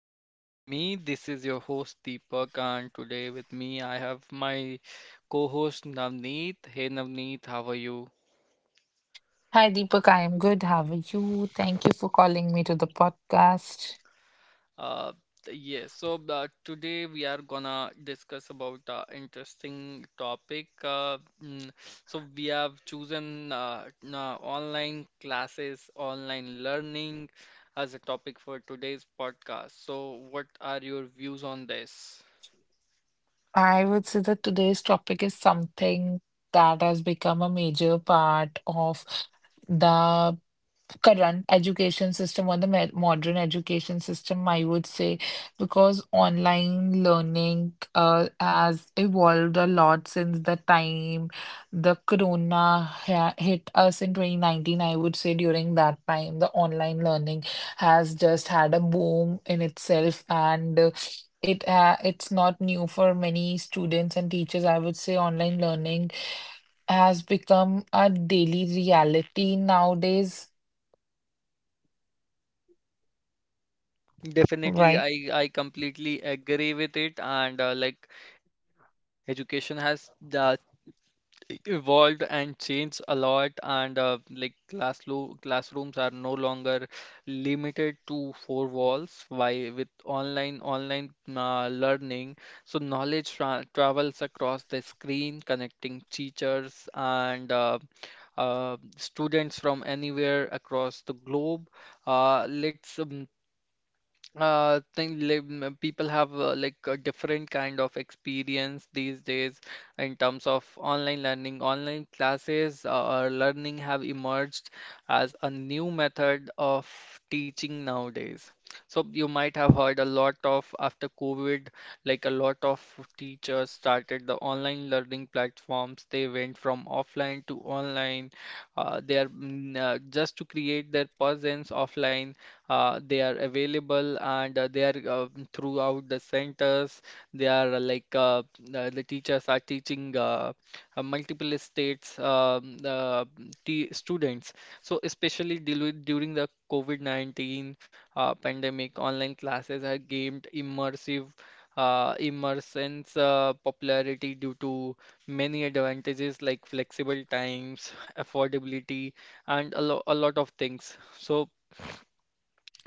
Vibe with me. This is your host Deepak, and today with me I have my co-host Navneet. Hey Navneet, how are you? Hi, Deepak. I am good. How are you? Thank you for calling me to the podcast. Uh, yes, so today we are gonna discuss about interesting topic. So we have chosen online classes, online learning as a topic for today's podcast. So what are your views on this? I would say that today's topic is something that has become a major part of the current education system or the modern education system, I would say, because online learning has evolved a lot since the time the corona hit us in 2019. I would say during that time, the online learning has just had a boom in itself and it's not new for many students and teachers. I would say online learning has become a daily reality nowadays, Definitely, right? I completely agree with it, and like education has uh, evolved and changed a lot, and like classrooms are no longer limited to four walls. Why with online learning, so knowledge travels across the screen, connecting teachers and students from anywhere across the globe. Let's think live, people have like a different kind of experience these days in terms of online learning. Online classes or learning have emerged as a new method of teaching nowadays. So you might have heard a lot of after COVID, like a lot of teachers started the online learning platforms. They went from offline to online. They are just to create their presence offline, they are available, and they are throughout the centers. They are the teachers are teaching multiple states t students. So especially deal with during the COVID-19 pandemic, online classes have gained immersive immersion's popularity due to many advantages like flexible times, affordability, and a lot of things. So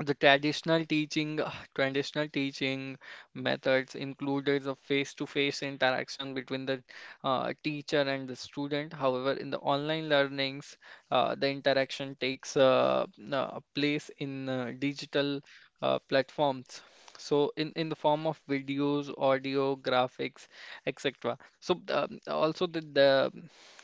the traditional teaching, traditional teaching methods included a face-to-face interaction between the teacher and the student. However, in the online learnings, the interaction takes place in digital platforms. So, in the form of videos, audio, graphics, etc. So, also the, the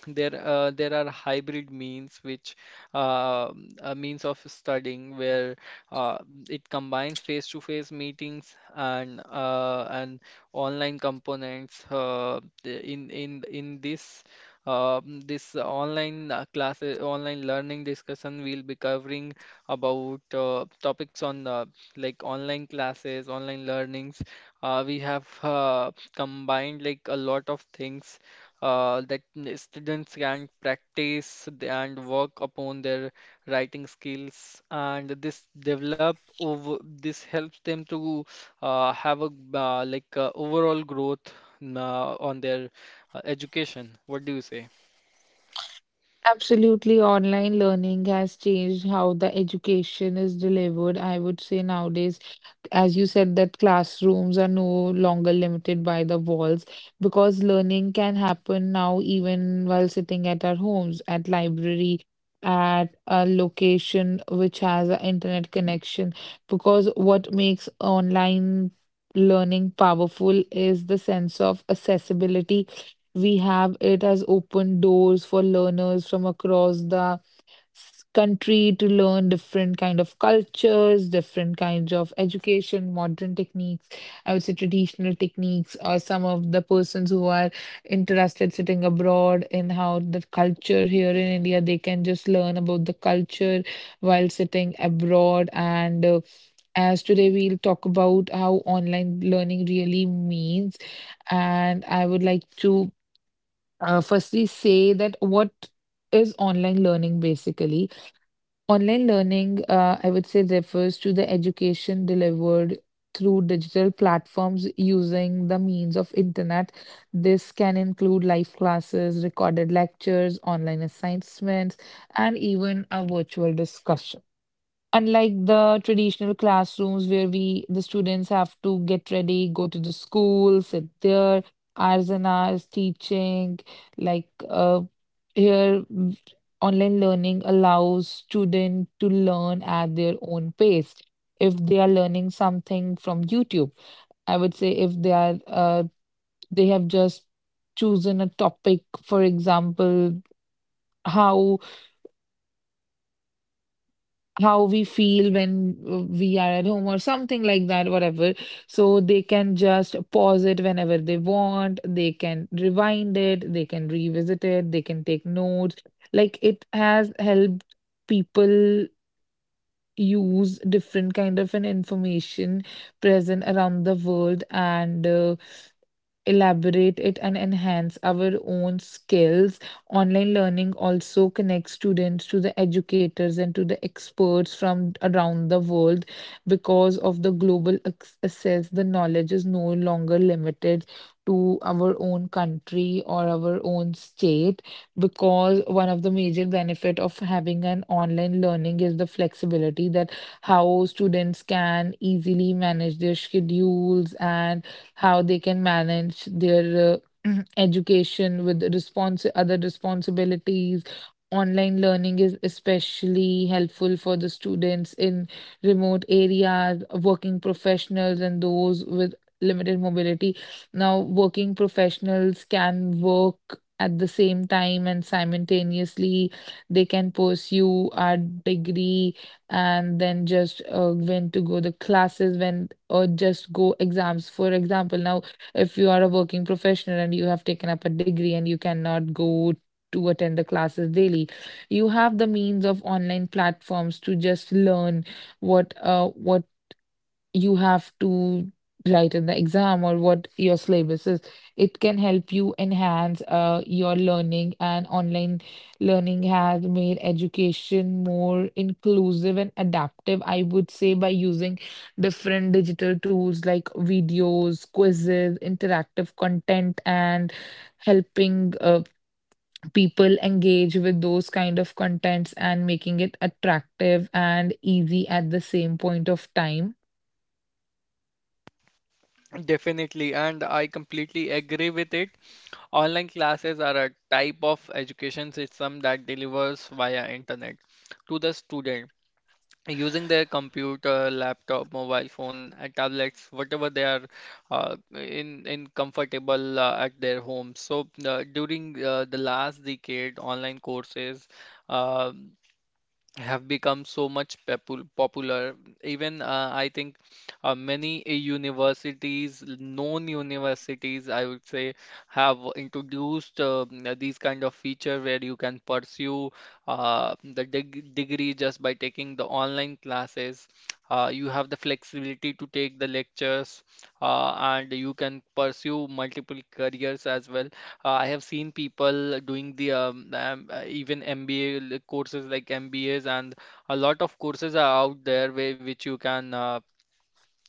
there uh, there are hybrid means, which uh, means of studying where uh, it combines face-to-face meetings and online components. In this this online classes, online learning discussion, we'll be covering about topics on like online classes, online learnings. We have combined like a lot of things, that students can practice th- and work upon their writing skills, and this develop over this helps them to have a overall growth on their education. What do you say? Absolutely, online learning has changed how the education is delivered. I would say nowadays, as you said, that classrooms are no longer limited by the walls, because learning can happen now even while sitting at our homes, at library, at a location which has an internet connection. Because what makes online learning powerful is the sense of accessibility. We have it as open doors for learners from across the country to learn different kind of cultures, different kinds of education, modern techniques, I would say, traditional techniques, or some of the persons who are interested sitting abroad in how the culture here in India, they can just learn about the culture while sitting abroad. And As today we'll talk about how online learning really means, and I would like to firstly say that what is online learning basically. Online learning, I would say, refers to the education delivered through digital platforms using the means of internet. This can include live classes, recorded lectures, online assignments, and even a virtual discussion. Unlike the traditional classrooms where we, the students, have to get ready, go to the school, sit there, hours and hours teaching, like uh, here mm, online learning allows student to learn at their own pace. If they are learning something from YouTube, I would say, if they have just chosen a topic, for example, how how we feel when we are at home or something like that, whatever. So they can just pause it whenever they want, they can rewind it, they can revisit it, they can take notes. Like, it has helped people use different kind of an information present around the world and elaborate it and enhance our own skills. Online learning also connects students to the educators and to the experts from around the world. Because of the global access, the knowledge is no longer limited to our own country or our own state. Because one of the major benefit of having an online learning is the flexibility that how students can easily manage their schedules and how they can manage their education with respons other responsibilities. Online learning is especially helpful for the students in remote areas, working professionals, and those with limited mobility. Now, working professionals can work at the same time, and simultaneously they can pursue a degree, and then just when to go the classes when, or just go exams. For example, now if you are a working professional and you have taken up a degree and you cannot go to attend the classes daily, you have the means of online platforms to just learn what you have to write in the exam or what your syllabus is. It can help you enhance your learning, and online learning has made education more inclusive and adaptive, I would say, by using different digital tools like videos, quizzes, interactive content, and helping people engage with those kind of contents and making it attractive and easy at the same point of time. Definitely, and I completely agree with it. Online classes are a type of education system that delivers via internet to the student using their computer, laptop, mobile phone, tablets, whatever they are in comfortable at their home. So during the last decade, online courses Uh, have become so much popular. Even I think many universities, known universities, I would say, have introduced these kind of feature where you can pursue the degree just by taking the online classes. You have the flexibility to take the lectures, and you can pursue multiple careers as well. I have seen people doing the even MBA courses like MBAs, and a lot of courses are out there, where which you can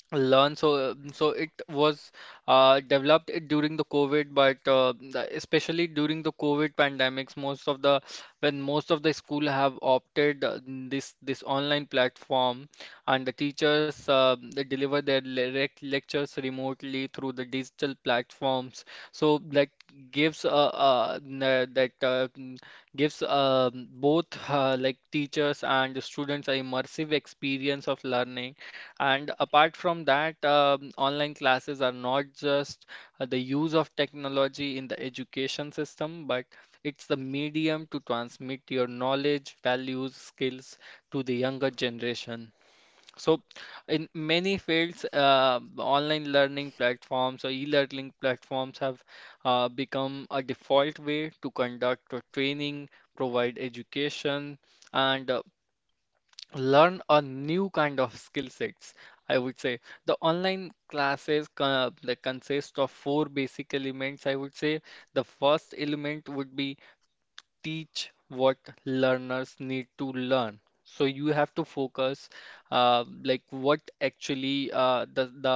learn. So it was developed during the COVID, but especially during the COVID pandemics, most of the, when most of the school have opted this online platform, and the teachers, they deliver their direct lectures remotely through the digital platforms, so that gives that uh, n- gives both like teachers and students a immersive experience of learning. And apart from that, online classes are not just the use of technology in the education system, but it's the medium to transmit your knowledge, values, skills to the younger generation. So, in many fields, online learning platforms or e-learning platforms have become a default way to conduct or training, provide education, and learn a new kind of skill sets. I would say the online classes like consist of four basic elements. I would say the first element would be teach what learners need to learn. So you have to focus like what actually the the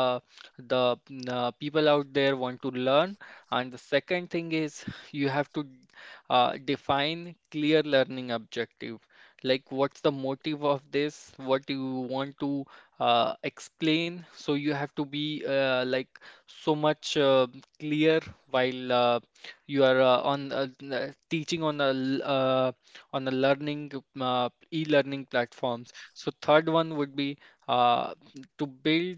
the mm, uh, people out there want to learn. And the second thing is you have to define clear learning objective, like what's the motive of this, what you want to explain. So you have to be like so much clear while you are on teaching on on a learning e-learning platforms. So third one would be uh, to build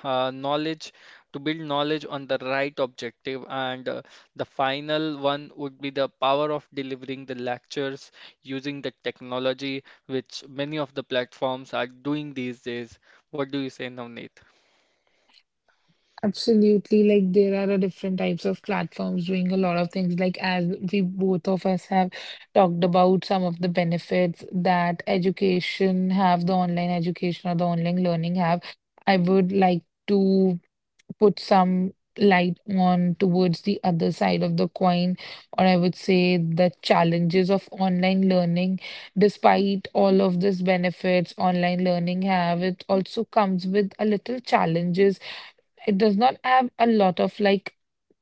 uh, knowledge knowledge on the right objective. And the final one would be the power of delivering the lectures using the technology, which many of the platforms are doing these days. What do you say, Navneet? Absolutely, like, there are a different types of platforms doing a lot of things. Like, as we, both of us, have talked about some of the benefits that education have, the online education or the online learning have, I would like to put some light on towards the other side of the coin, or I would say the challenges of online learning. Despite all of these benefits online learning have, it also comes with a little challenges. It does not have a lot of like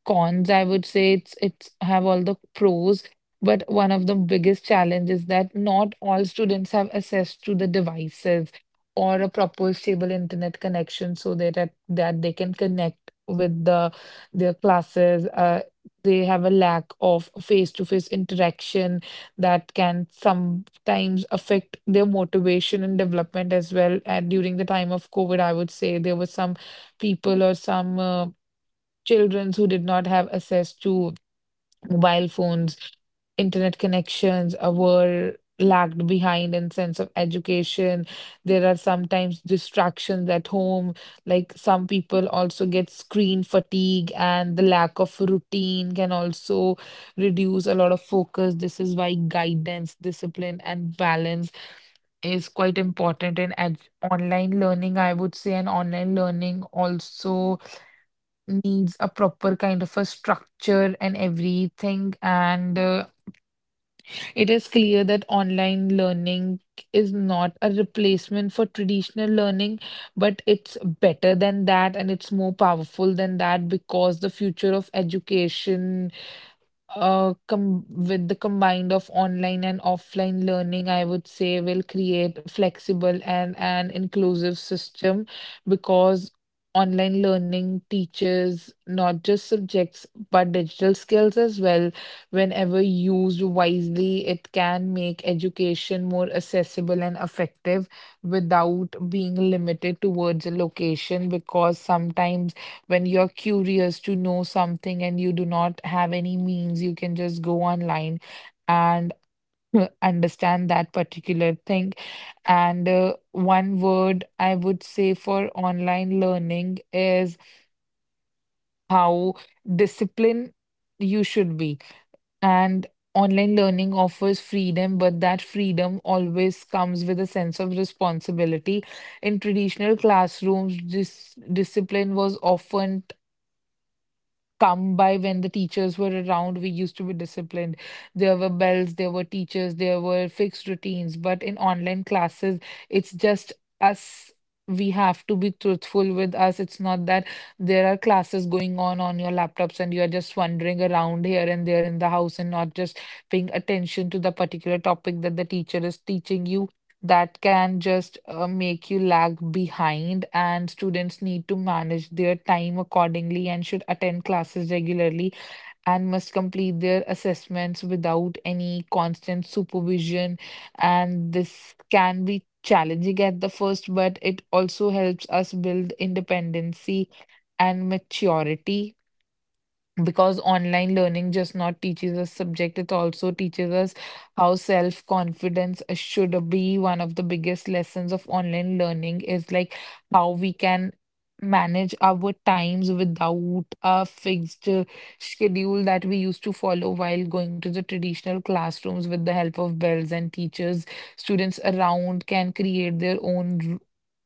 cons, I would say. It's have all the pros, but one of the biggest challenges is that not all students have access to the devices or a proper stable internet connection, so that that they can connect with the their classes. They have a lack of face-to-face interaction that can sometimes affect their motivation and development as well. And during the time of COVID, I would say there were some people or some children who did not have access to mobile phones, internet connections, were lagged behind in sense of education. There are sometimes distractions at home. Like, some people also get screen fatigue, and the lack of routine can also reduce a lot of focus. This is why guidance, discipline, and balance is quite important in online learning, I would say, and online learning also needs a proper kind of a structure and everything. And It is clear that online learning is not a replacement for traditional learning, but it's better than that and it's more powerful than that, because the future of education com with the combined of online and offline learning, I would say, will create flexible and an inclusive system, because online learning teaches not just subjects but digital skills as well. Whenever used wisely, it can make education more accessible and effective without being limited towards a location, because sometimes when you're curious to know something and you do not have any means, you can just go online and understand that particular thing. And One word I would say for online learning is how disciplined you should be. And online learning offers freedom, but that freedom always comes with a sense of responsibility. In traditional classrooms, this discipline was often come by when the teachers were around. We used to be disciplined. There were bells, there were teachers, there were fixed routines. But in online classes, it's just us. We have to be truthful with us. It's not that there are classes going on your laptops and you are just wandering around here and there in the house and not just paying attention to the particular topic that the teacher is teaching you. That can just make you lag behind, and students need to manage their time accordingly and should attend classes regularly and must complete their assessments without any constant supervision. And this can be challenging at the first, but it also helps us build independency and maturity, because online learning just not teaches us subject, it also teaches us how self confidence should be. One of the biggest lessons of online learning is like how we can manage our times without a fixed schedule that we used to follow while going to the traditional classrooms with the help of bells and teachers. Students around can create their own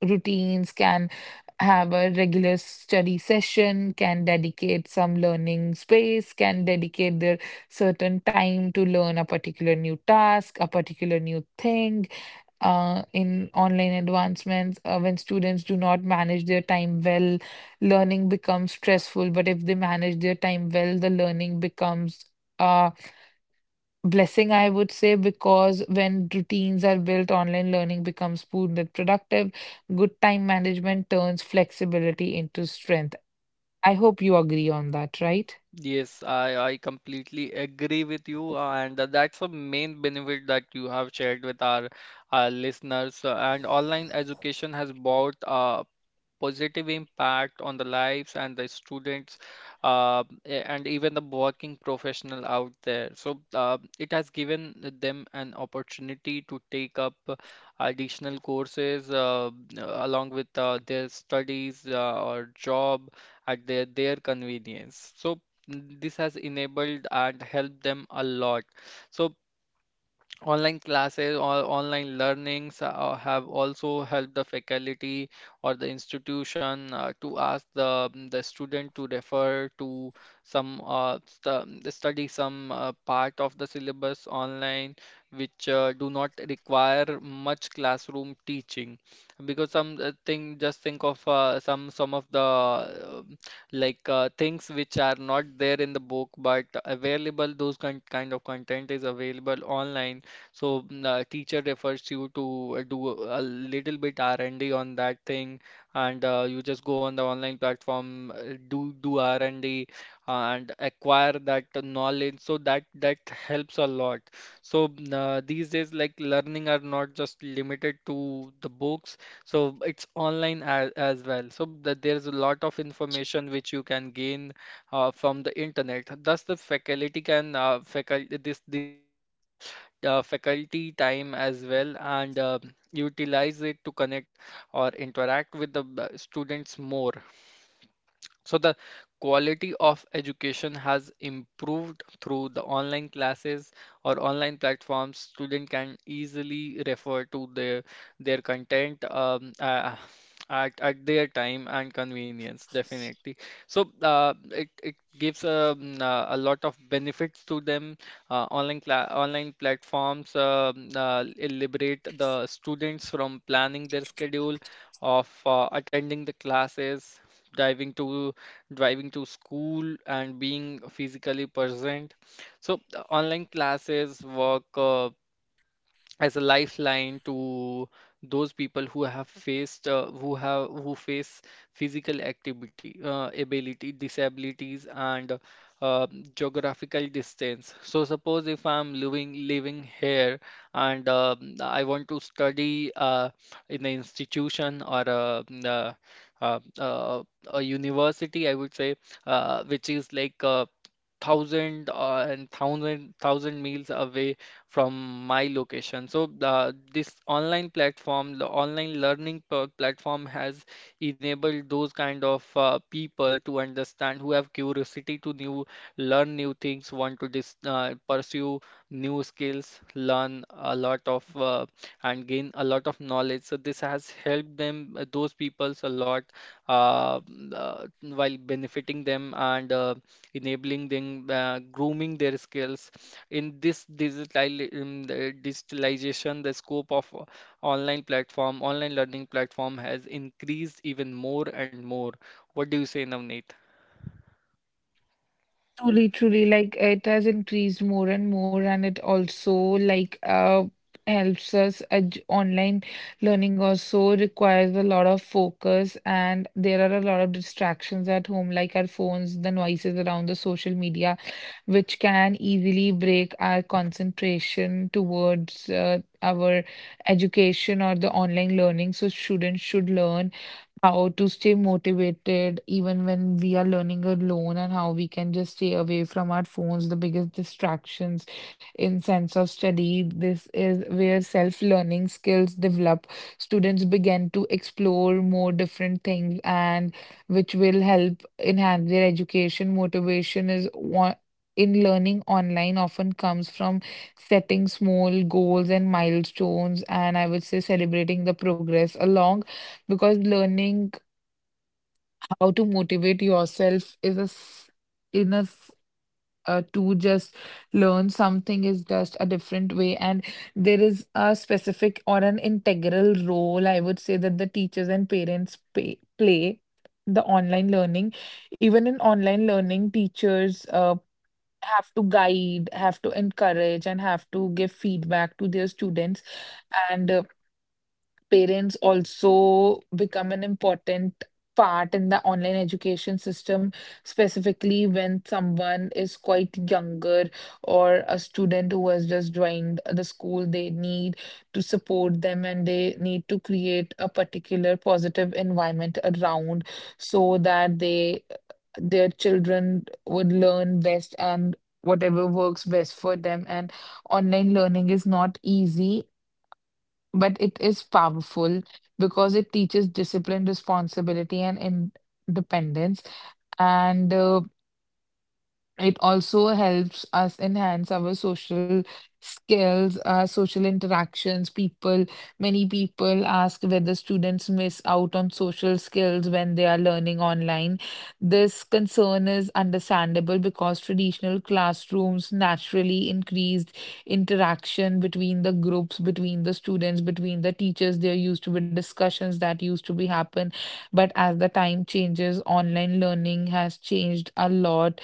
routines, can have a regular study session, can dedicate some learning space, can dedicate their certain time to learn a particular new task, a particular new thing. In online advancements, when students do not manage their time well, learning becomes stressful. But if they manage their time well, the learning becomes uh, blessing, I would say, because when routines are built, online learning becomes smooth and productive. Good time management turns flexibility into strength. I hope you agree on that, right? Yes, I completely agree with you, and that's a main benefit that you have shared with our listeners. And online education has brought positive impact on the lives and the students, and even the working professional out there. So it has given them an opportunity to take up additional courses along with their studies or job at their convenience. So this has enabled and helped them a lot. So online classes or online learnings have also helped the faculty or the institution to ask the student to refer to some, study some part of the syllabus online, which do not require much classroom teaching. Because some thing just think of some of the things which are not there in the book but available, those kind of content is available online. So the teacher refers you to do a little bit R&D on that thing, and you just go on the online platform, do R&D, and acquire that knowledge. So that helps a lot. So these days, like learning are not just limited to the books. So it's online as well. So that there's a lot of information which you can gain from the internet. Thus, the faculty can faculty this this saves the faculty time as well, and utilize it to connect or interact with the students more. So the quality of education has improved through the online classes or online platforms. Student can easily refer to their content at their time and convenience, definitely. So it gives a lot of benefits to them. Online platforms liberate the students from planning their schedule of attending the classes, driving to driving to school, and being physically present. So the online classes work as a lifeline to those people who have who face physical activity ability disabilities and uh, geographical distance. So suppose if I'm living here and I want to study in an institution or a university, I would say, which is like thousand and thousand thousand miles away from my location. So this online platform, the online learning platform has enabled those kind of people to understand, who have curiosity to new learn new things, want to pursue new skills, learn a lot of, and gain a lot of knowledge. So this has helped them, those peoples a lot, uh, while benefiting them, and enabling them, grooming their skills. In the digitalization, the scope of online platform, online learning platform has increased even more and more. What do you say, Navneet? Truly, truly, like it has increased more and more, and it also like helps us edge. Online learning also requires a lot of focus, and there are a lot of distractions at home, like our phones, the noises around, the social media, which can easily break our concentration towards our education or the online learning. So students should learn how to stay motivated even when we are learning alone, and how we can just stay away from our phones, the biggest distractions in sense of study. This is where self learning skills develop. Students begin to explore more different things, and which will help enhance their education. Motivation is one. In learning online, often comes from setting small goals and milestones, and I would say celebrating the progress along, because learning how to motivate yourself is in to just learn something is just a different way. And there is a specific or an integral role, I would say, that the teachers and parents play the online learning. Even in online learning, teachers have to guide, have to encourage, and have to give feedback to their students. And Parents also become an important part in the online education system, specifically when someone is quite younger or a student who has just joined the school. They need to support them, and they need to create a particular positive environment around so that they, their children, would learn best and whatever works best for them. And online learning is not easy, but it is powerful because it teaches discipline, responsibility, and independence. And It also helps us enhance our social skills, our social interactions. People, many people ask whether students miss out on social skills when they are learning online. This concern is understandable because traditional classrooms naturally increased interaction between the groups, between the students, between the teachers. There used to be discussions that used to be happen. But as the time changes, online learning has changed a lot,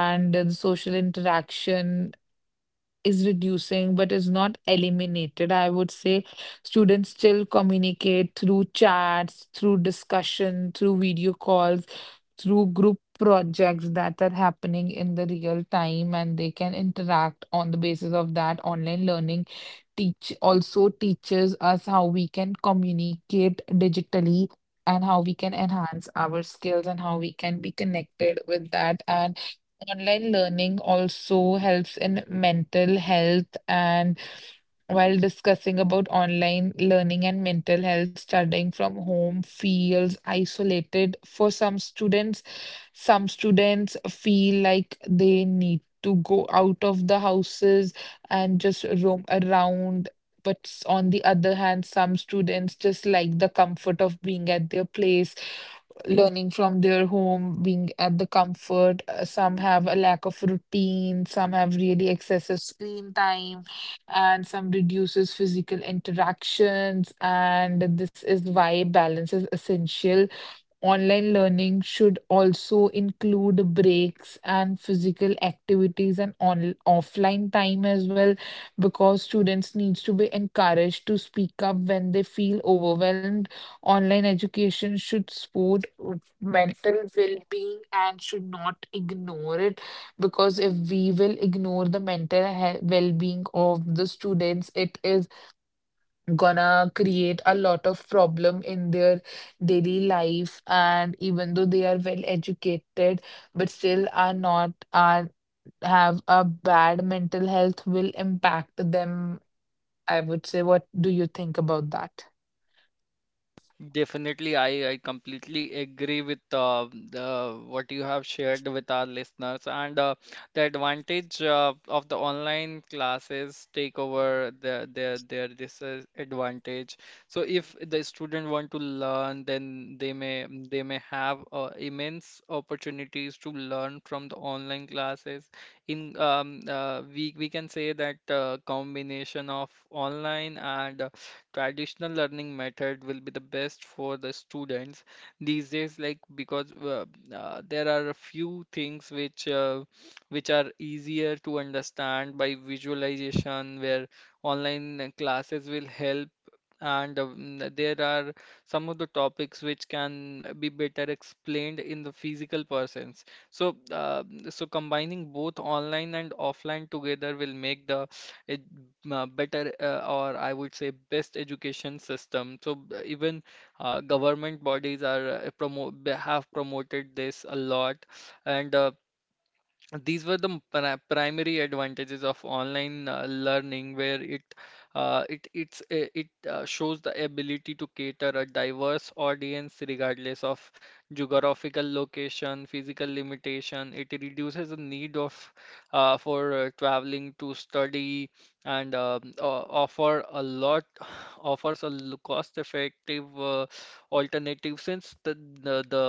and the social interaction is reducing but is not eliminated. I would say students still communicate through chats, through discussion, through video calls, through group projects that are happening in the real time, and they can interact on the basis of that. Online learning teach also teaches us how we can communicate digitally and how we can enhance our skills and how we can be connected with that. And online learning also helps in mental health. And while discussing about online learning and mental health, studying from home feels isolated for some students. Some students feel like they need to go out of the houses and just roam around. But on the other hand, some students just like the comfort of being at their place, learning from their home, being at the comfort. Some have a lack of routine, some have really excessive screen time, and some reduces physical interactions. And this is why balance is essential. Online learning should also include breaks and physical activities and on offline time as well, because students needs to be encouraged to speak up when they feel overwhelmed. Online education should support mental well-being and should not ignore it, because if we will ignore the mental well-being of the students, it is gonna create a lot of problem in their daily life, and even though they are well educated but still are not are have a bad mental health, will impact them. I would say, what do you think about that? Definitely, I completely agree with the what you have shared with our listeners, and the advantage of the online classes take over their disadvantage. So if the student want to learn, then they may have immense opportunities to learn from the online classes. In We can say that combination of online and traditional learning method will be the best for the students these days, like because there are a few things which are easier to understand by visualization, where online classes will help. And there are some of the topics which can be better explained in the physical persons. So combining both online and offline together will make the a better, or I would say best, education system. So even government bodies are promo have promoted this a lot, and these were the primary advantages of online learning, where it it it's it shows the ability to cater a diverse audience regardless of geographical location, physical limitation. It reduces the need of for traveling to study, and o- offer a lot offers a cost effective alternative, since the the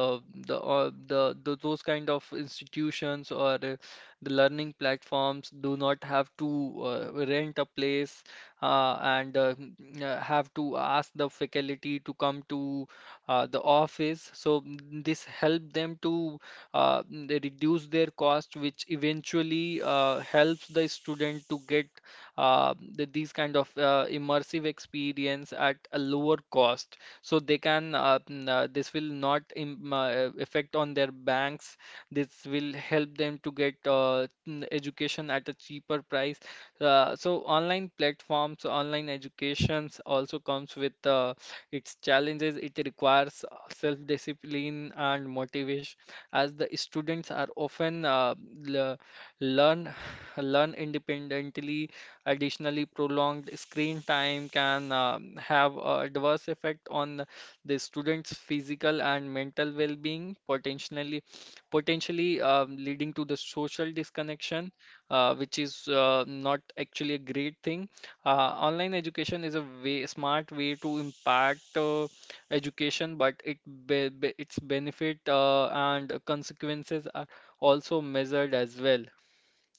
the those kind of institutions or the learning platforms do not have to rent a place, and have to ask the faculty to come to the office. So this help them to they reduce their cost, which eventually helps the student to get these kind of immersive experience at a lower cost, so they can n- this will not im affect on their banks. This will help them to get education at a cheaper price. So online platforms, online educations also comes with its challenges. It requires self discipline and motivation, as the students are often le- learn learn independently. Additionally, prolonged screen time can have a adverse effect on the student's physical and mental well-being, potentially leading to the social disconnection, which is not actually a great thing. Online education is a way, smart way to impact education, but its benefit and consequences are also measured as well.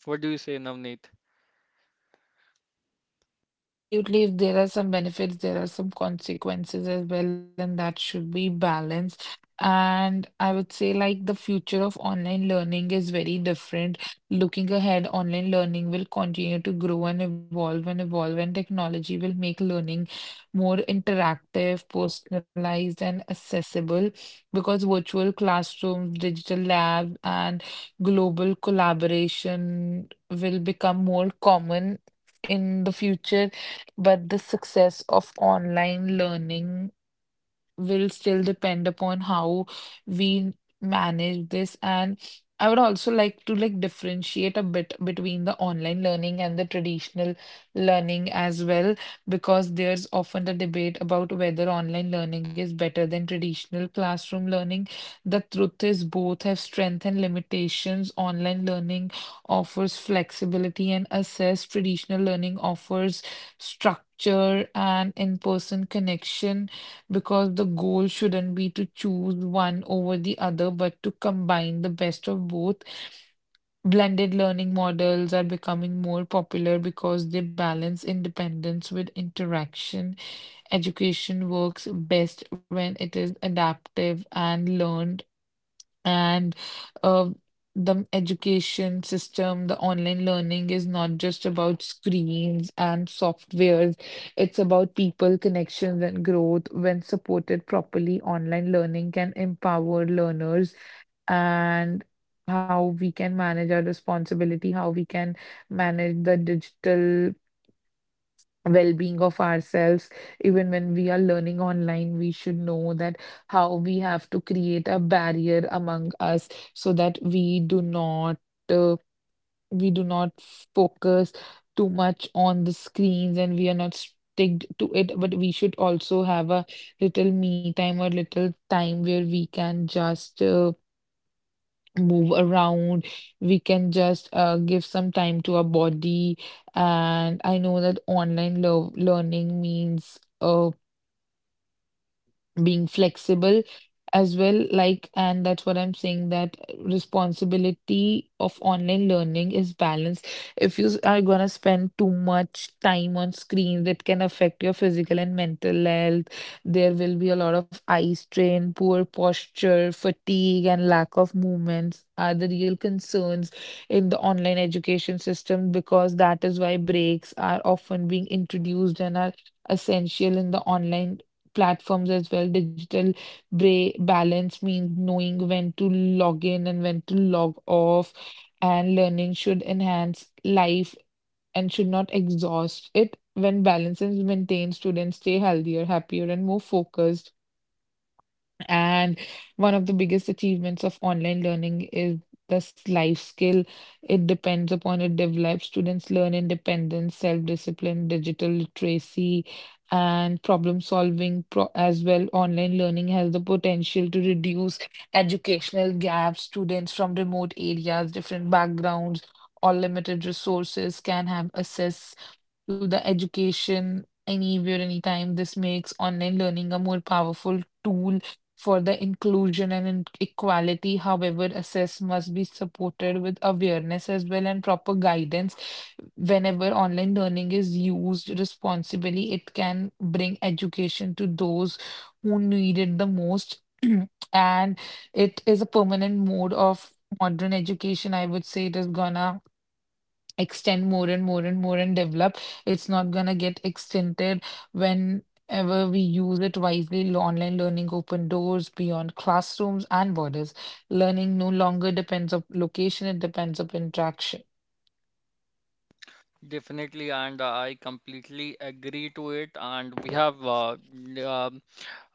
What do you say, Navneet? Absolutely, if there are some benefits, there are some consequences as well, and that should be balanced. And I would say, like, the future of online learning is very different. Looking ahead, online learning will continue to grow and evolve, and technology will make learning more interactive, personalized, and accessible, because virtual classrooms, digital labs, and global collaboration will become more common in the future. But the success of online learning will still depend upon how we manage this. And I would also like to like differentiate a bit between the online learning and the traditional learning as well, because there's often a debate about whether online learning is better than traditional classroom learning. The truth is both have strength and limitations. Online learning offers flexibility and access. Traditional learning offers structure and in-person connection, because the goal shouldn't be to choose one over the other, but to combine the best of both. Blended learning models are becoming more popular because they balance independence with interaction. Education works best when it is adaptive and learn, and uh, the education system, the online learning is not just about screens and softwares. It's about people, connections, and growth. When supported properly, online learning can empower learners, and how we can manage our responsibility, how we can manage the digital well-being of ourselves. Even when we are learning online, we should know that how we have to create a barrier among us so that uh, we do not focus too much on the screens and we are not sticked to it, but we should also have a little me time or little time where we can just move around. We can just give some time to our body. And I know that online lo learning means. Being flexible as well, like, and that's what I'm saying, that responsibility of online learning is balanced. If you are going to spend too much time on screens, it can affect your physical and mental health. There will be a lot of eye strain, poor posture, fatigue, and lack of movements are the real concerns in the online education system, because that is why breaks are often being introduced and are essential in the online platforms as well. Digital bra balance means knowing when to log in and when to log off, and learning should enhance life and should not exhaust it. When balance is maintained, students stay healthier, happier, and more focused. And one of the biggest achievements of online learning is this life skill. It depends upon it develops. Students learn independence, self-discipline, digital literacy, and problem solving pro as well. Online learning has the potential to reduce educational gaps. Students from remote areas, different backgrounds, or limited resources can have access to the education anywhere, anytime. This makes online learning a more powerful tool for the inclusion and equality. However, access must be supported with awareness as well and proper guidance. Whenever online learning is used responsibly, it can bring education to those who need it the most. And it is a permanent mode of modern education. I would say it is gonna extend more and more and more and develop. It's not gonna get extended whenever we use it wisely. Online learning open doors beyond classrooms and borders. Learning no longer depends on location, it depends on interaction. Definitely, and I completely agree to it. And we have um,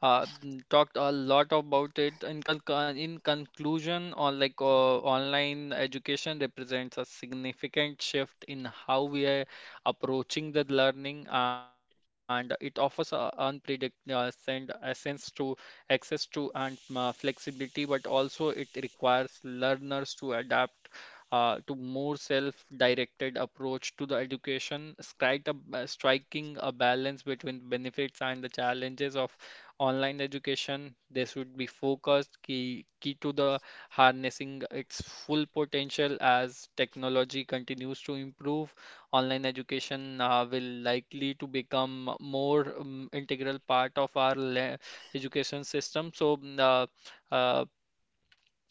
talked a lot about it. In conclusion, on like online education represents a significant shift in how we are approaching the learning, and it offers a unpredict send a sense to access to and flexibility, but also it requires learners to adapt to more self-directed approach to the education. Strike a, striking a balance between benefits and the challenges of online education, they should be focused, key to the harnessing its full potential as technology continues to improve. Online education will likely to become more integral part of our education system. Uh,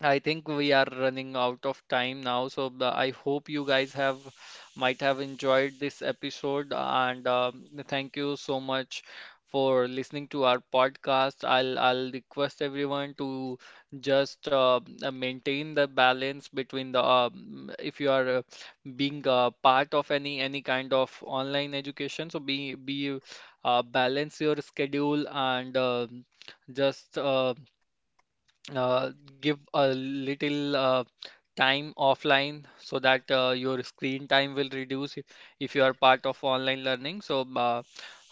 I think we are running out of time now, so I hope you guys have might have enjoyed this episode, and thank you so much for listening to our podcast. I'll request everyone to just maintain the balance between the if you are being a part of any kind of online education, so be balance your schedule, and just give a little time offline so that your screen time will reduce, if you are part of online learning. So, uh,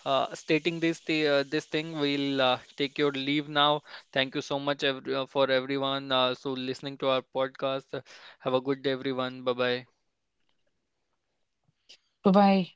uh, stating this this thing, we'll take your leave now. Thank you so much for everyone. Listening to our podcast. Have a good day, everyone. Bye bye. Bye bye.